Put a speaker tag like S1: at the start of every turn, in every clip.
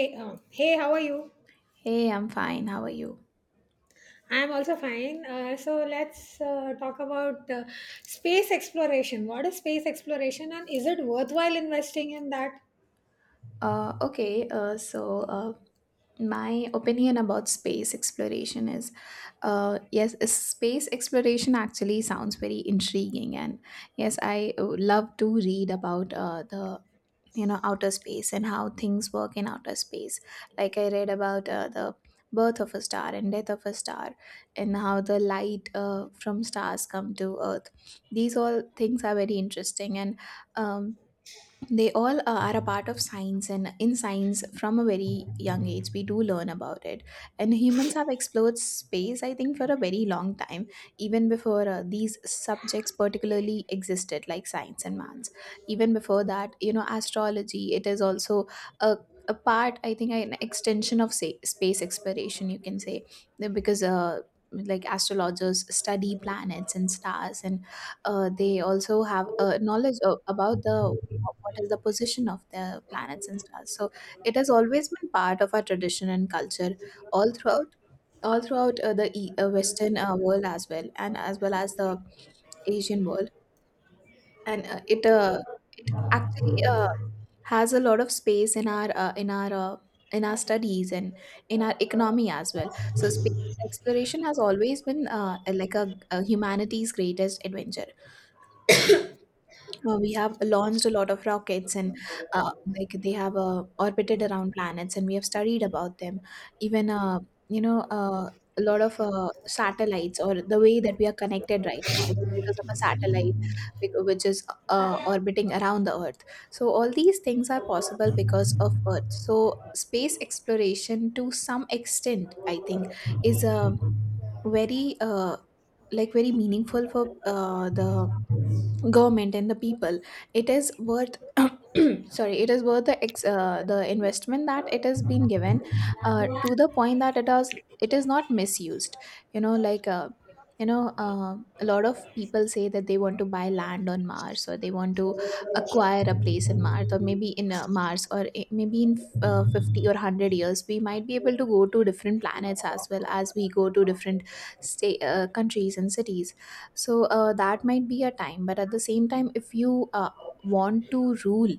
S1: Hey, how are you?
S2: Hey, I'm fine. How are you?
S1: I'm also fine. So let's talk about space exploration. What is space exploration and is it worthwhile investing in that?
S2: Uh, okay, uh, so uh, my opinion about space exploration is yes, is space exploration actually sounds very intriguing, and yes, I love to read about the outer space and how things work in outer space. Like I read about the birth of a star and death of a star, and how the light from stars come to Earth. These all things are very interesting, and um, they all are a part of science and in science from a very young age we do learn about it, and humans have explored space, I think, for a very long time, even before these subjects particularly existed like science and maths. Even before that, you know, astrology, it is also a a part, I think, an extension of, say, space exploration, you can say. Because like astrologers study planets and stars, and they also have knowledge about the what is the position of the planets and stars. So it has always been part of our tradition and culture all throughout. All throughout the Western world as well, and as well as the Asian world, and it it actually has a lot of space in our, in our studies and in our economy as well. So space exploration has always been, like, a humanity's greatest adventure. We have launched a lot of rockets and, uh, like, they have orbited around planets and we have studied about them. Even, you know uh, a lot of satellites, or the way that we are connected right now, it is because of a satellite which is orbiting around the earth. So all these things are possible because of earth. So space exploration, to some extent, I think, is a very, like, very meaningful for the government and the people. It is worth sorry, it is worth the the investment that it has been given, to the point that it is not misused. you know like uh, a lot of people say that they want to buy land on mars, or they want to acquire a place in mars, or maybe in, mars, or maybe in 50 or 100 years we might be able to go to different planets as well as we go to different state countries and cities. So, that might be a time, but at the same time, if you want to rule,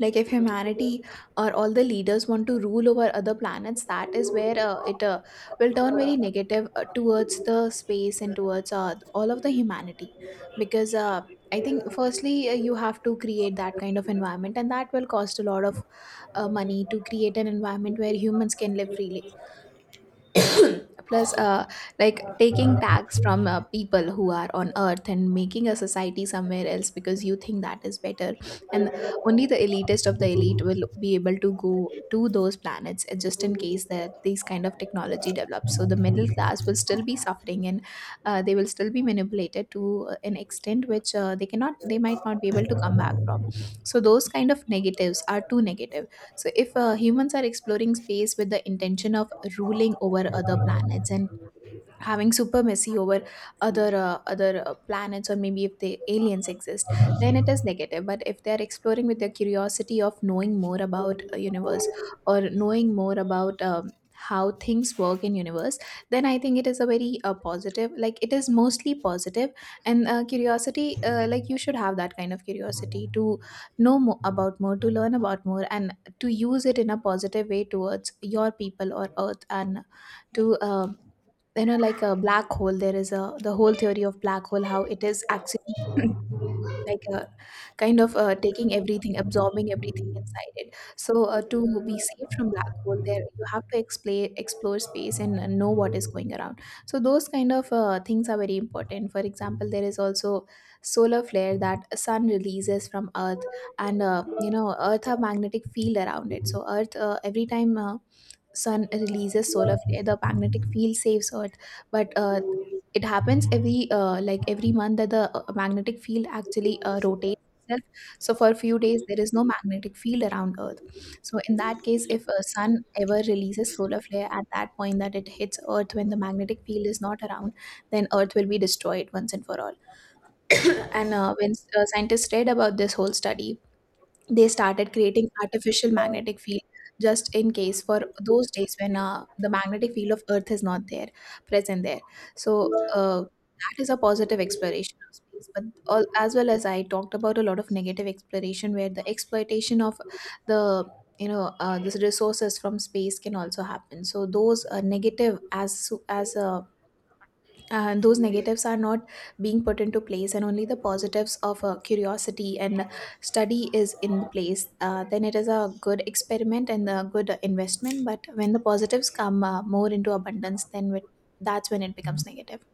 S2: like, if humanity or all the leaders want to rule over other planets, that is where it will turn very negative towards the space and towards all of the humanity. Because, I think firstly you have to create that kind of environment, and that will cost a lot of money to create an environment where humans can live freely. Plus, like taking tax from people who are on earth and making a society somewhere else because you think that is better, and only the elitist of the elite will be able to go to those planets, just in case that these kind of technology develops. So the middle class will still be suffering, and they will still be manipulated to an extent which, they cannot, they might not be able to come back from. So those kind of negatives are too negative. So, if humans are exploring space with the intention of ruling over other planets and having supremacy over other, planets, or maybe if the aliens exist, then it is negative. But if they are exploring with their curiosity of knowing more about a universe, or knowing more about, how things work in universe, then I think it is a very, positive, like, it is mostly positive. And, curiosity like, you should have that kind of curiosity to know more about, more to learn about more, and to use it in a positive way towards your people or earth, and to, like a black hole, there is a, the whole theory of black hole, how it is actually like a kind of, taking everything, absorbing everything inside it. So, to be safe from black hole there, you have to explore space and know what is going around. So those kind of things are very important. For example, there is also solar flare that sun releases from earth, and, you know, earth have magnetic field around it. So earth, every time sun releases solar flare, the magnetic field saves earth. But, it happens every, like every month, that the magnetic field actually rotates itself. So for a few days there is no magnetic field around earth. So in that case, if a sun ever releases solar flare at that point, that it hits earth when the magnetic field is not around, then earth will be destroyed once and for all. And, when scientists read about this whole study, they started creating artificial magnetic field, just in case for those days when the magnetic field of earth is not there, present there. So, that is a positive exploration of space. But all, as well as I talked about, a lot of negative exploration where the exploitation of the, the resources from space can also happen. So those, negative as so- as and those negatives are not being put into place, and only the positives of curiosity and study is in place, then it is a good experiment and a good investment. But when the positives come more into abundance, that's when it becomes negative.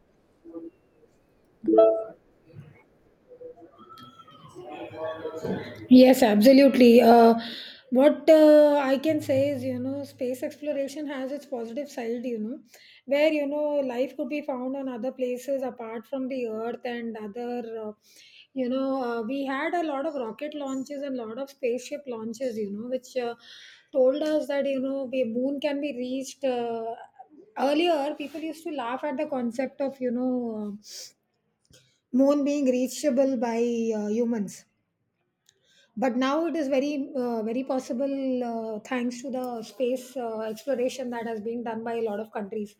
S1: Yes, absolutely. What I can say is, you know, space exploration has its positive side, you know, where, you know, life could be found on other places apart from the Earth and we had a lot of rocket launches and a lot of spaceship launches, you know, which told us that, you know, the moon can be reached. Earlier, people used to laugh at the concept of, moon being reachable by humans, but now it is very very possible thanks to the space exploration that has been done by a lot of countries.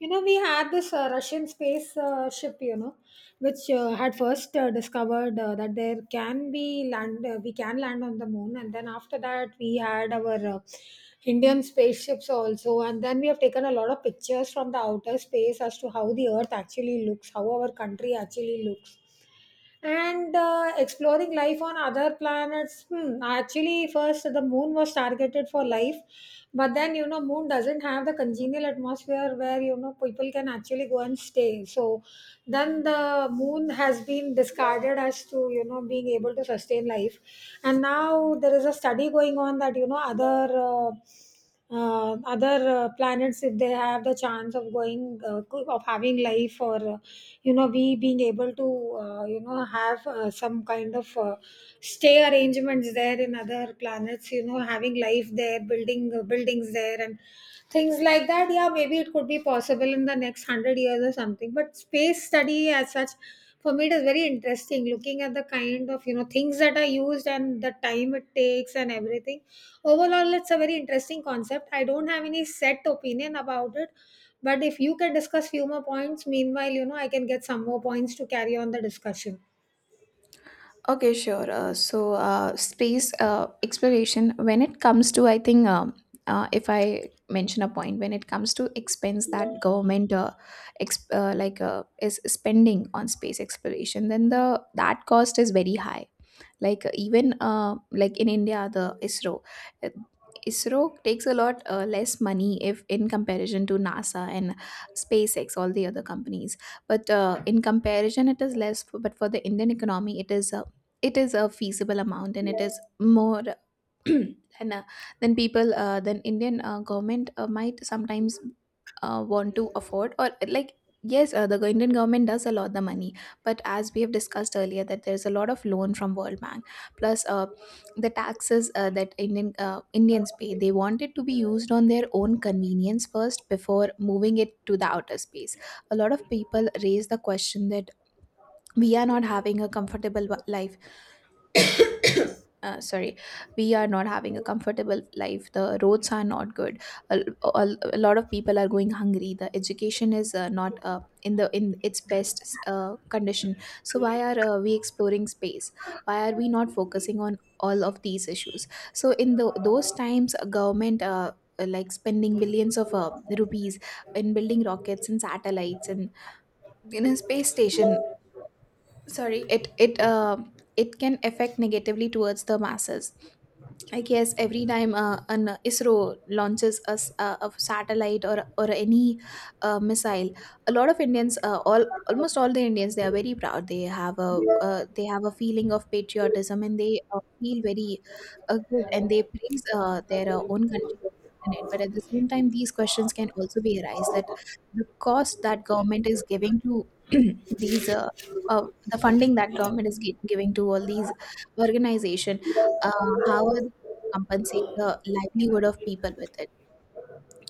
S1: You know, we had this Russian space ship, you know, which had first discovered that there can be land, we can land on the moon. And then after that we had our Indian spaceships also, and then we have taken a lot of pictures from the outer space as to how the earth actually looks, how our country actually looks. And exploring life on other planets, hmm, actually first the moon was targeted for life, but then, you know, moon doesn't have the congenial atmosphere where, you know, people can actually go and stay. So then the moon has been discarded as to, you know, being able to sustain life. And now there is a study going on that, you know, uh, other planets, if they have the chance of going of having life, or you know, we being able to you know, have some kind of stay arrangements there in other planets, you know, having life there, building buildings there and things like that. Yeah, maybe it could be possible in the next 100 years or something. But space study as such, for me, it is very interesting, looking at the kind of, you know, things that are used and the time it takes and everything. Overall, it's a very interesting concept. I don't have any set opinion about it, but if you can discuss few more points, meanwhile, you know, I can get some more points to carry on the discussion.
S2: Okay, sure. Space exploration, when it comes to, I think, if I mention a point, when it comes to expense that government, like, is spending on space exploration, then the that cost is very high. Like, even like, in india, the isro, uh, isro, takes a lot less money if in comparison to nasa and spacex, all the other companies. But, in comparison it is less, but for the indian economy, it is a, it is a feasible amount, and it is more. then uh, then people, then indian government might sometimes want to afford, or like, yes, indian government does allot the money. But as we have discussed earlier, that there's a lot of loan from world bank. Plus, the taxes that indians pay, they want it to be used on their own convenience first before moving it to the outer space. A lot of people raise the question that we are not having a comfortable wa- life sorry, we are not having a comfortable life, the roads are not good, a, a lot of people are going hungry, the education is, not, in the, in its best condition. So why are, we exploring space? Why are we not focusing on all of these issues? So in the, those times a government, like spending billions of rupees in building rockets and satellites and in a space station, sorry, it can affect negatively towards the masses. I guess every time an ISRO launches a satellite, or any missile, a lot of Indians, all almost all the Indians, they are very proud. They have a, they have a feeling of patriotism, and they feel very good, and they praise their own country. In it. But at the same time, these questions can also be arise, that the cost that government is giving to these. Uh, the funding that government is giving to all these organization, uh, how are compensate the livelihood of people with it.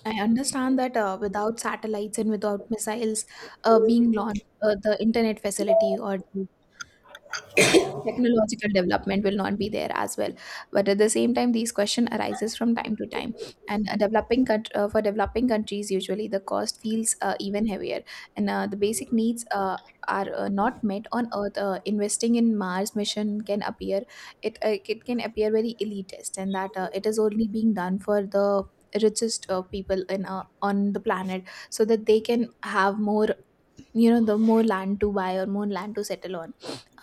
S2: I understand that without satellites and without missiles being launched, the internet facility or the technological development will not be there as well, but at the same time, these question arises from time to time. And a for developing countries, usually the cost feels even heavier, and the basic needs are not met on earth. Investing in Mars mission can appear, it can appear very elitist, and that it is only being done for the richest people in on the planet, so that they can have more, you know, the more land to buy or more land to settle on.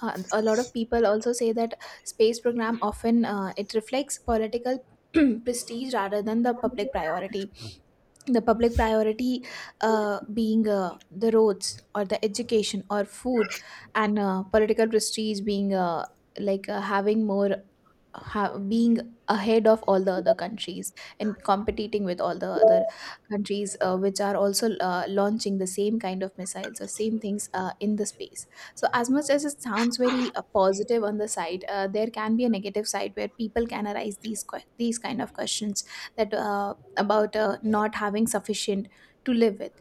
S2: And a lot of people also say that space program often, it reflects political prestige rather than the public priority. The public priority being, the roads or the education or food, and political prestige being, having more, being ahead of all the other countries, and competing with all the other countries which are also launching the same kind of missiles or same things in the space. So as much as it sounds very positive on the side, there can be a negative side where people can arise these kind of questions, that about not having sufficient to live with.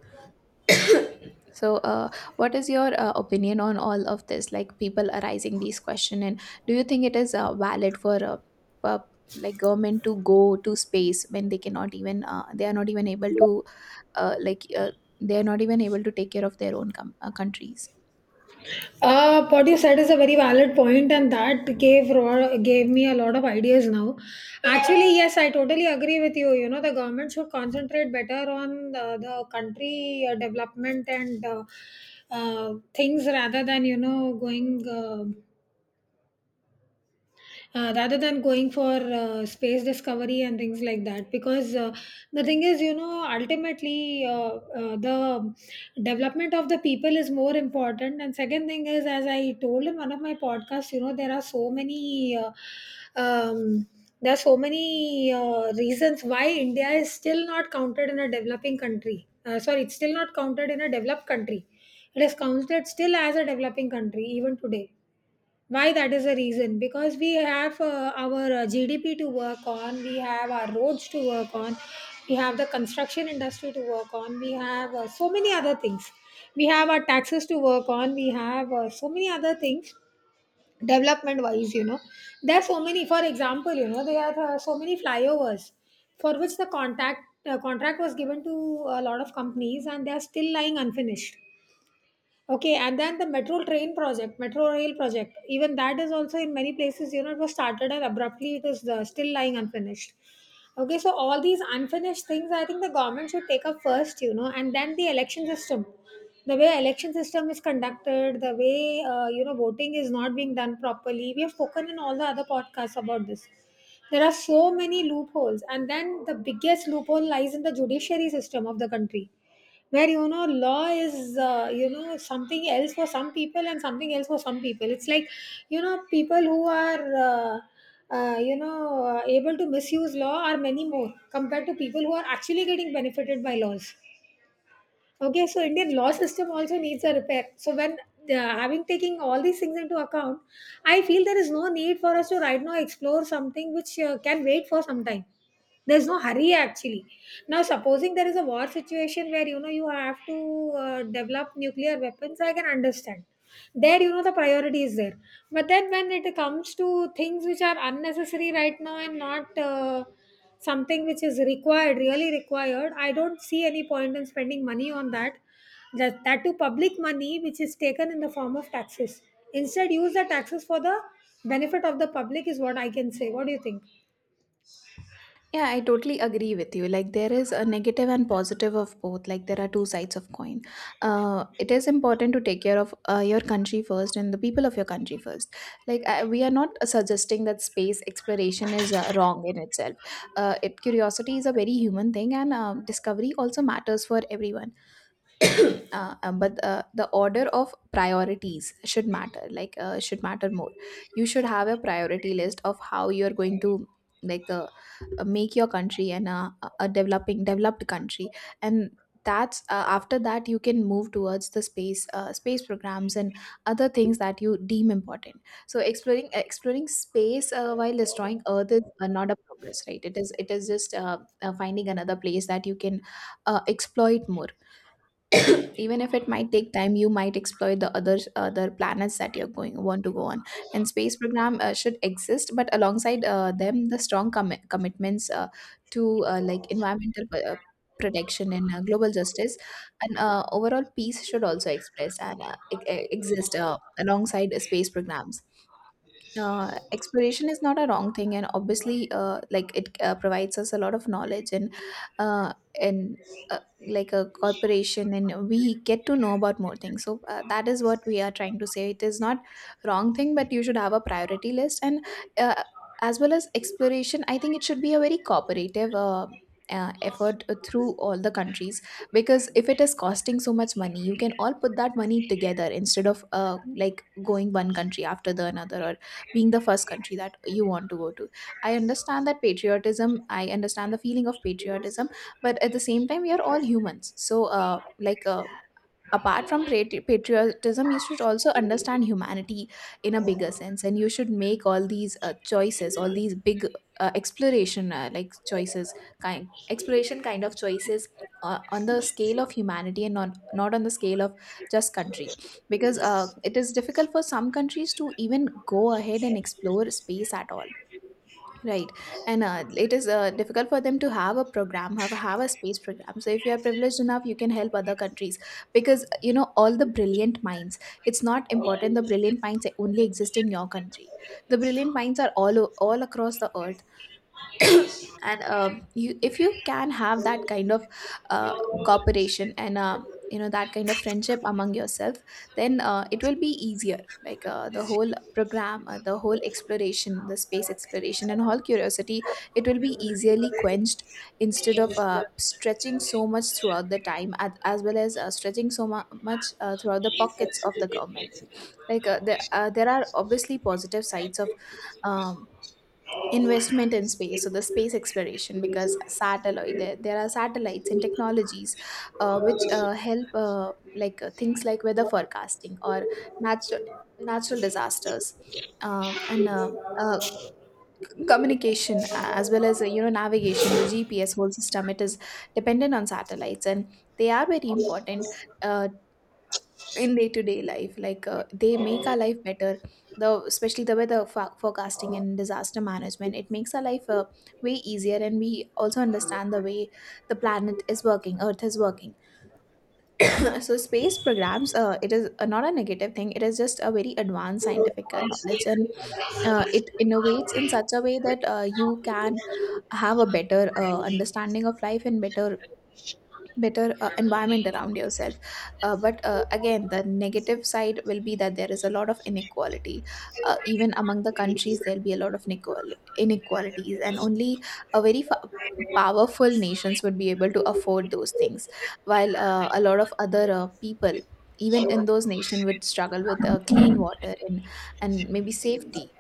S2: So, what is your opinion on all of this? Like, people arising these question, and do you think it is valid for pu- like government to go to space when they are not even able to uh, like uh, take care of their own countries?
S1: What you said is a very valid point, and that gave me a lot of ideas now. Actually, yes, I totally agree with you. You know, the government should concentrate better on the country development and things rather than, you know, going. Rather than going for space discovery and things like that, because the thing is, you know, ultimately the development of the people is more important. And second thing is, as I told in one of my podcasts, you know, there are so many um, there are so many reasons why India is still not counted in a developing country, sorry, it's still not counted in a developed country. It is counted still as a developing country even today. Why that is the reason? Because we have our GDP to work on, we have our roads to work on, we have the construction industry to work on, we have so many other things. We have our taxes to work on, we have so many other things development wise, you know. There are so many, for example, you know, there are so many flyovers for which the contact contract was given to a lot of companies, and they are still lying unfinished. Okay, and then the metro train project, metro rail project, even that is also in many places, you know, it was started and abruptly it is still lying unfinished. Okay, so all these unfinished things, I think the government should take up first, you know. And then the election system, the way election system is conducted, the way, you know, voting is not being done properly. We have spoken in all the other podcasts about this. There are so many loopholes, and then the biggest loophole lies in the judiciary system of the country, where, you know, law is, you know, something else for some people and something else for some people. It's like, you know, people who are able to misuse law are many more compared to people who are actually getting benefited by laws. Okay, so Indian law system also needs a repair. So when having taking all these things into account, I feel there is no need for us to right now explore something which can wait for some time. There's no hurry actually. Now, supposing there is a war situation where, you know, you have to develop nuclear weapons, I can understand. There, you know, the priority is there. But then when it comes to things which are unnecessary right now and not something which is required, really required, I don't see any point in spending money on that. That, that too, public money which is taken in the form of taxes. Instead, use the taxes for the benefit of the public is what I can say. What do you think?
S2: Yeah, I totally agree with you. Like, there is a negative and positive of both. Like, there are two sides of coin. It is important to take care of your country first, and the people of your country first. Like, we are not suggesting that space exploration is wrong in itself. It curiosity is a very human thing, and discovery also matters for everyone. But the order of priorities should matter, should matter more. You should have a priority list of how you're going to, like uh, make your country, and a developing developed country. And that's after that you can move towards the space programs and other things that you deem important. So exploring space, while destroying earth, is not a progress, right? It is, just finding another place that you can exploit more. It Even if it might take time, you might explore the other planets that you're going want to go on. And space program should exist, but alongside them, the strong commitments to like environmental uh, protection, and global justice, and overall peace should also express and exist alongside space programs. Exploration is not a wrong thing, and obviously, like, it provides us a lot of knowledge, uh, and uh, like a corporation, and we get to know about more things. So that is what we are trying to say. It is not wrong thing, but you should have a priority list. And uh, as well as exploration, I think it should be a very cooperative effort through all the countries. Because if it is costing so much money, you can all put that money together, instead of, like, going one country after the another, or being the first country that you want to go to. I understand the feeling of patriotism. But at the same time, we are all humans, so, like uh, apart from patriotism, you should also understand humanity in a bigger sense, and you should make all these choices, all these big exploration, like choices, kind exploration, kind of choices, on the scale of humanity, and not on the scale of just country. Because it is difficult for some countries to even go ahead and explore space at all. Right. And it is difficult for them to have a program, have a space program. So if you are privileged enough, you can help other countries, because you know all the brilliant minds. It's not important the brilliant minds only exist in your country. The brilliant minds are all all across the earth. And you if you can have that kind of uh, cooperation, and you know, that kind of friendship among yourself, then it will be easier, like, the whole program, the whole exploration, the space exploration and all curiosity, it will be easily quenched, instead of stretching so much throughout the time at, as well as stretching so much throughout the pockets of the government. There are obviously positive sides of um, investment in space, so the space exploration, because satellite there are satellites and technologies which help, things like weather forecasting or natural natural disasters, and uh, communication, as well as, you know, navigation, the GPS whole system, it is dependent on satellites, and they are very important uh, in day to day life, like, they make our life better, the especially the weather forecasting and disaster management. It makes our life way easier, and we also understand the way the planet is working, earth is working. So space programs, it is not a negative thing, it is just a very advanced scientific knowledge, and it innovates in such a way that you can have a better understanding of life and better environment around yourself. But again, the negative side will be that there is a lot of inequality, even among the countries. There'll be a lot of inequalities, and only a powerful nations would be able to afford those things, while a lot of other people, even in those nations, would struggle with clean water and maybe safety.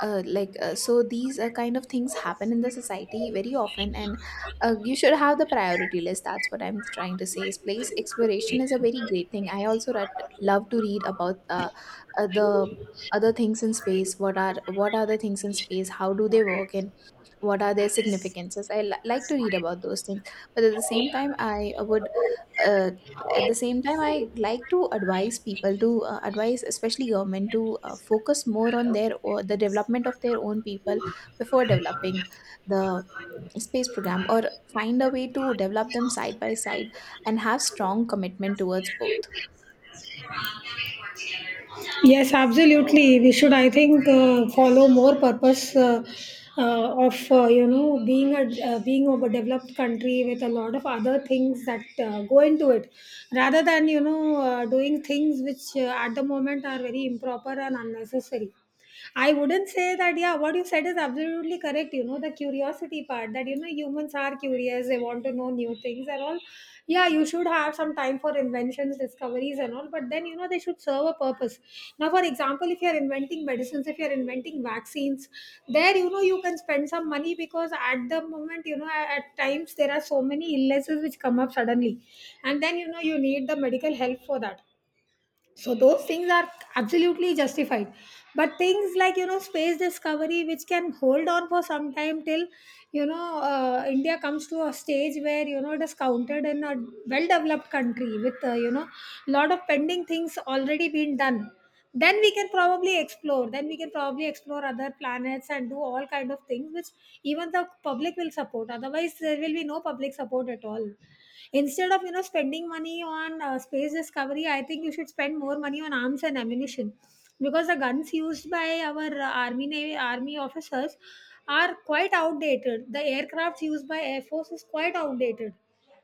S2: So these kind of things happen in the society very often, and you should have the priority list. That's what I'm trying to say, is place exploration is a very great thing. I also love to read about the other things in space, what are, the things in space, how do they work, and what are their significances. I like to read about those things, but uh, at the same time, I like to advise people to advise, especially government, to focus more on the development of their own people, before developing the space program, or find a way to develop them side by side, and have strong commitment towards both.
S1: Yes, absolutely. We should, I think, follow more purpose of you know being a being of a developed country with a lot of other things that go into it, rather than, you know, doing things which, at the moment, are very improper and unnecessary. I wouldn't say that, yeah, what you said is absolutely correct. You know, the curiosity part that, you know, humans are curious, they want to know new things and all. Yeah, you should have some time for inventions, discoveries, and all, but then, you know, they should serve a purpose. Now, for example, if you're inventing medicines, if you're inventing vaccines, there, you know, you can spend some money because at the moment, you know, at times there are so many illnesses which come up suddenly. And then, you know, you need the medical help for that. So those things are absolutely justified. But things like, you know, space discovery, which can hold on for some time till, you know, India comes to a stage where, you know, it is counted in a well developed country with, you know, lot of pending things already been done. Then we can probably explore. Then we can probably explore other planets and do all kind of things, which even the public will support. Otherwise, there will be no public support at all. Instead of, you know, spending money on space discovery, I think you should spend more money on arms and ammunition, because the guns used by our army navy army officers are quite outdated. The aircrafts used by air force is quite outdated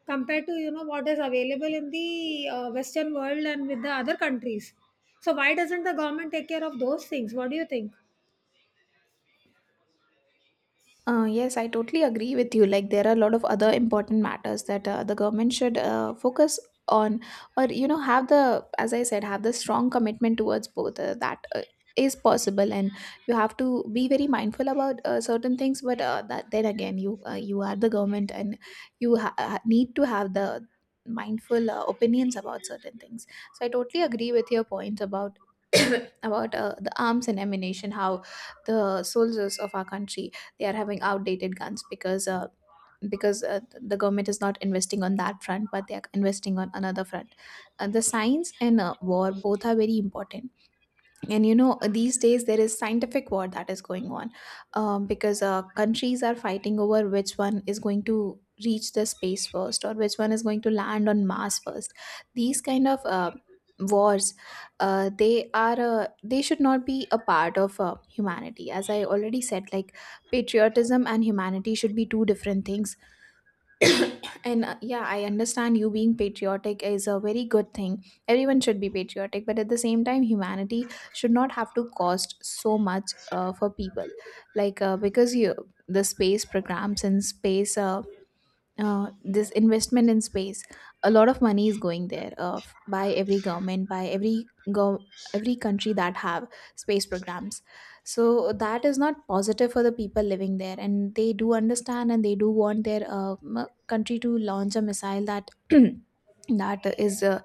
S1: compared to, you know, what is available in the Western world and with the other countries. So why doesn't the government take care of those things? What do you think?
S2: Yes, I totally agree with you. Like, there are a lot of other important matters that the government should focus on, or, you know, as I said, have the strong commitment towards both. That is possible, and you have to be very mindful about certain things. But that then again, you are the government, and you need to have the mindful opinions about certain things. So I totally agree with your point about about the arms and ammunition, how the soldiers of our country, they are having outdated guns, because the government is not investing on that front, but they are investing on another front. The science and war, both are very important, and you know, these days there is scientific war that is going on, because countries are fighting over which one is going to reach the space first, or which one is going to land on Mars first. These kind of wars, they should not be a part of humanity, as I already said. Like, patriotism and humanity should be two different things. And yeah, I understand, you being patriotic is a very good thing, everyone should be patriotic, but at the same time, humanity should not have to cost so much for people. Like because you the space programs and space this investment in space, a lot of money is going there, by every government, every country that have space programs. So that is not positive for the people living there, and they do understand, and they do want their country to launch a missile that that is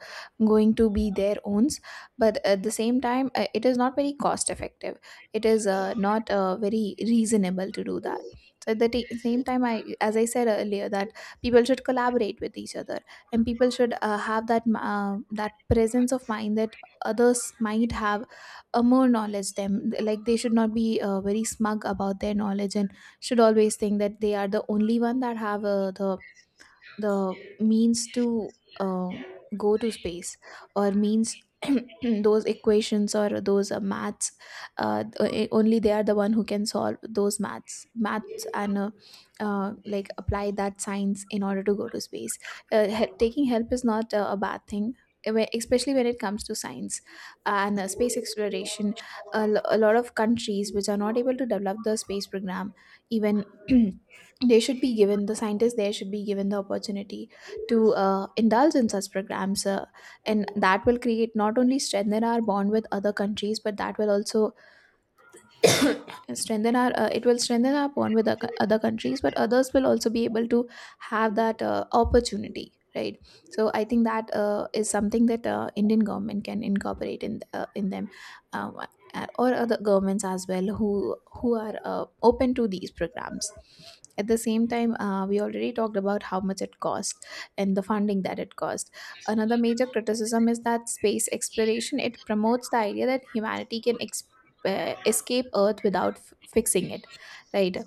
S2: going to be their owns, but at the same time, it is not very cost effective, it is not very reasonable to do that. So at the same time, I as I said earlier, that people should collaborate with each other, and people should have that presence of mind that others might have a more knowledge them, like, they should not be very smug about their knowledge, and should always think that they are the only one that have the means to uh, go to space, or means those equations or those maths only they are the one who can solve those maths and like apply that science in order to go to space. Taking help is not a bad thing, especially when it comes to science and space exploration. A lot of countries which are not able to develop the space program, even they should be given, the scientists there should be given the opportunity to indulge in such programs, and that will create not only strengthen our bond with other countries, but that will also strengthen our it will strengthen our bond with other countries, but others will also be able to have that opportunity, right? So I think that is something that Indian government can incorporate in them, um, or other governments as well who are open to these programs. At the same time, we already talked about how much it costs and the funding that it costs. Another major criticism is that space exploration, it promotes the idea that humanity can escape earth without fixing it, right?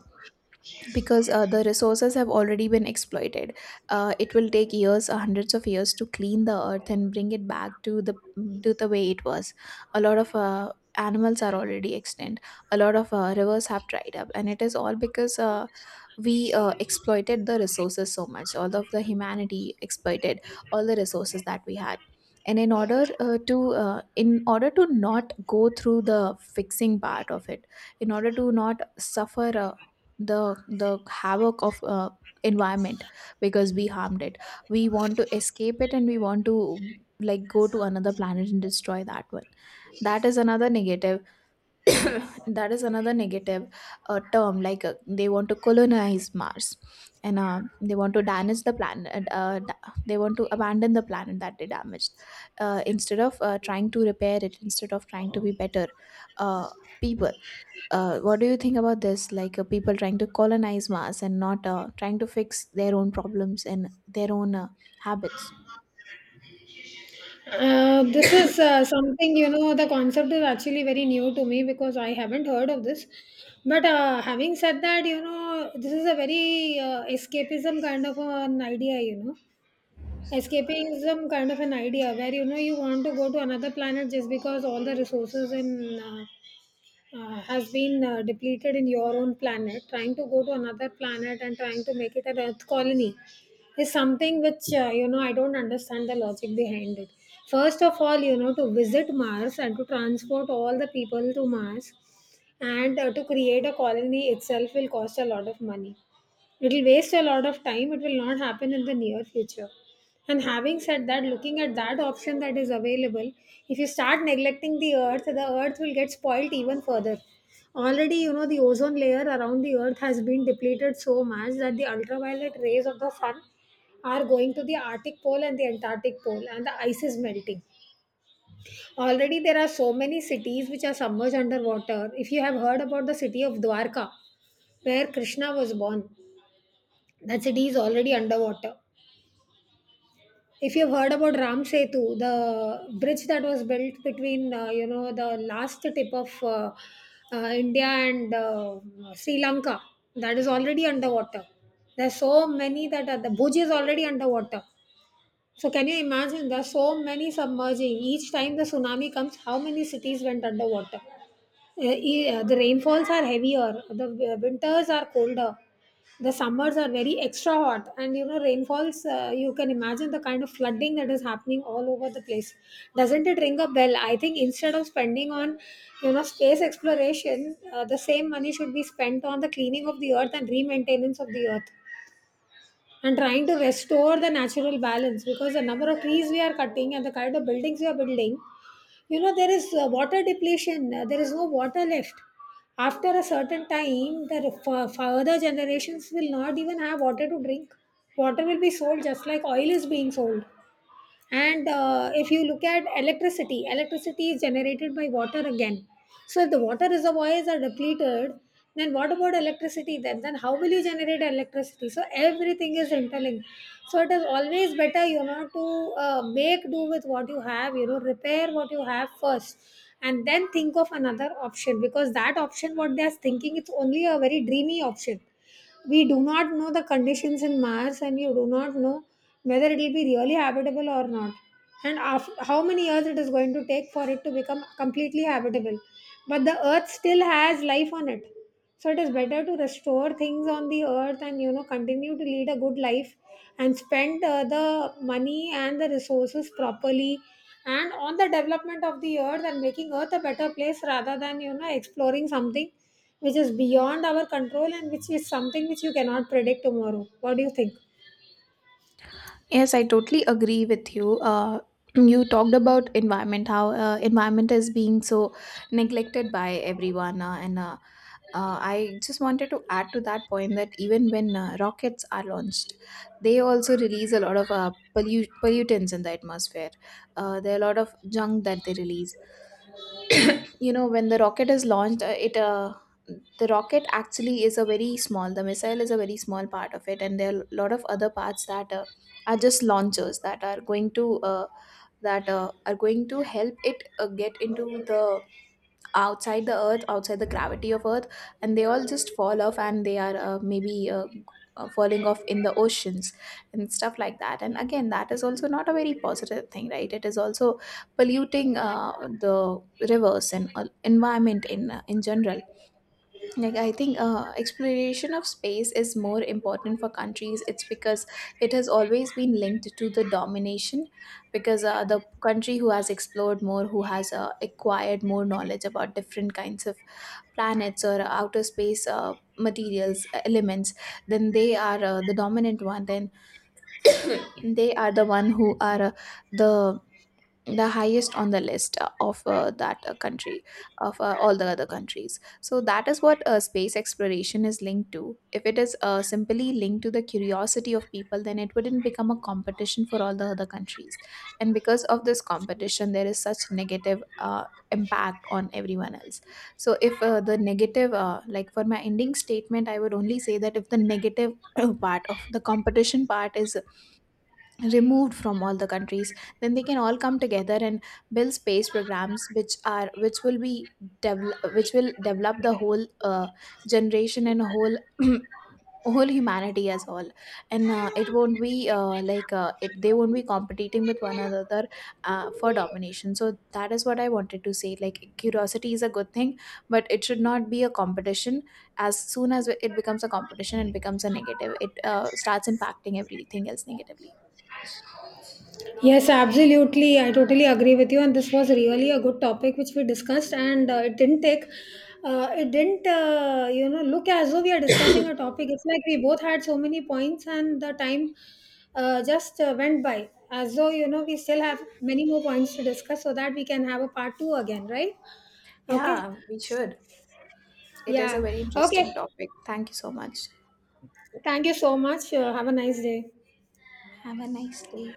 S2: Because the resources have already been exploited. It will take years, hundreds of years, to clean the earth and bring it back to the to the way it was. A lot of animals are already extinct. A lot of rivers have dried up, and it is all because we exploited the resources so much. All of the humanity exploited all the resources that we had. And in order to in order to not go through the fixing part of it, in order to not suffer a the havoc of environment because we harmed it, we want to escape it, and we want to like go to another planet and destroy that one. That is another negative. That is another negative term, like they want to colonize Mars and they want to damage the planet, they want to abandon the planet that they damaged, instead of trying to repair it, instead of trying to be better uh, people. What do you think about this? Like people trying to colonize Mars and not trying to fix their own problems and their own habits.
S1: This is something, you know, the concept is actually very new to me because I haven't heard of this. But having said that, you know, this is a very escapism kind of an idea, you know, escapism kind of an idea where, you know, you want to go to another planet just because all the resources in has been depleted in your own planet. Trying to go to another planet and trying to make it an Earth colony is something which, you know, I don't understand the logic behind it. First of all, you know, to visit Mars and to transport all the people to Mars and to create a colony itself will cost a lot of money. It will waste a lot of time. It will not happen in the near future. And having said that, looking at that option that is available, if you start neglecting the earth will get spoiled even further. Already, you know, the ozone layer around the earth has been depleted so much that the ultraviolet rays of the sun are going to the Arctic pole and the Antarctic pole, and the ice is melting. Already, there are so many cities which are submerged underwater. If you have heard about the city of Dwarka, where Krishna was born, that city is already underwater. If you've heard about Ram Setu, the bridge that was built between, you know, the last tip of India and Sri Lanka, that is already underwater. There's so many that are, the Bhuj is already underwater. So can you imagine? There's so many submerging. Each time the tsunami comes, how many cities went underwater? The rainfalls are heavier, the winters are colder, the summers are very extra hot, and, you know, rainfalls, you can imagine the kind of flooding that is happening all over the place. Doesn't it ring a bell? I think instead of spending on, you know, space exploration, the same money should be spent on the cleaning of the earth and re maintenance of the earth and trying to restore the natural balance, because the number of trees we are cutting and the kind of buildings we are building, you know, there is water depletion, there is no water left. After a certain time, the further generations will not even have water to drink. Water will be sold just like oil is being sold. And if you look at electricity, electricity is generated by water again. So if the water reservoirs are depleted, then what about electricity? Then how will you generate electricity? So everything is interlinked. So it is always better, you know, to make do with what you have, you know, repair what you have first, and then think of another option, because that option what they are thinking, it's only a very dreamy option. We do not know the conditions in Mars, and you do not know whether it will be really habitable or not. And after, how many years it is going to take for it to become completely habitable. But the earth still has life on it. So it is better to restore things on the earth and, you know, continue to lead a good life and spend the money and the resources properly and on the development of the earth and making earth a better place, rather than, you know, exploring something which is beyond our control and which is something which you cannot predict tomorrow. What do you think?
S2: Yes, I totally agree with you. You talked about environment, how environment is being so neglected by everyone, and I just wanted to add to that point that even when rockets are launched, they also release a lot of pollutants in the atmosphere. There are a lot of junk that they release. You know, when the rocket is launched, it the rocket actually is a very small, the missile is a very small part of it, and there are a lot of other parts that are just launchers that are going to that are going to help it get into the outside the earth, outside the gravity of earth, and they all just fall off, and they are maybe falling off in the oceans and stuff like that. And again, that is also not a very positive thing, right? It is also polluting the rivers and environment in general. Like, I think exploration of space is more important for countries. It's because it has always been linked to the domination. Because the country who has explored more, who has acquired more knowledge about different kinds of planets or outer space materials, elements, then they are the dominant one. Then they are the one who are the the highest on the list of that country, of all the other countries. So that is what space exploration is linked to. If it is simply linked to the curiosity of people, then it wouldn't become a competition for all the other countries. And because of this competition, there is such negative impact on everyone else. So if the negative like, for my ending statement, I would only say that if the negative part of the competition part is removed from all the countries, then they can all come together and build space programs which are which will be, develop, which will develop the whole generation and whole whole humanity as all. And it won't be like it they won't be competing with one another for domination. So that is what I wanted to say. Like, curiosity is a good thing, but it should not be a competition. As soon as it becomes a competition, it becomes a negative. It starts impacting everything else negatively.
S1: Yes, absolutely. I totally agree with you. And this was really a good topic which we discussed, and it didn't take. It didn't, you know, look as though we are discussing a topic. It's like we both had so many points, and the time just went by. As though, you know, we still have many more points to discuss so that we can have a part two again, right? Okay.
S2: Yeah, we should. It is a
S1: Yeah.
S2: very
S1: Okay.
S2: interesting topic. Thank you so much.
S1: Thank you so much. Have a nice day.
S2: Have a nice day.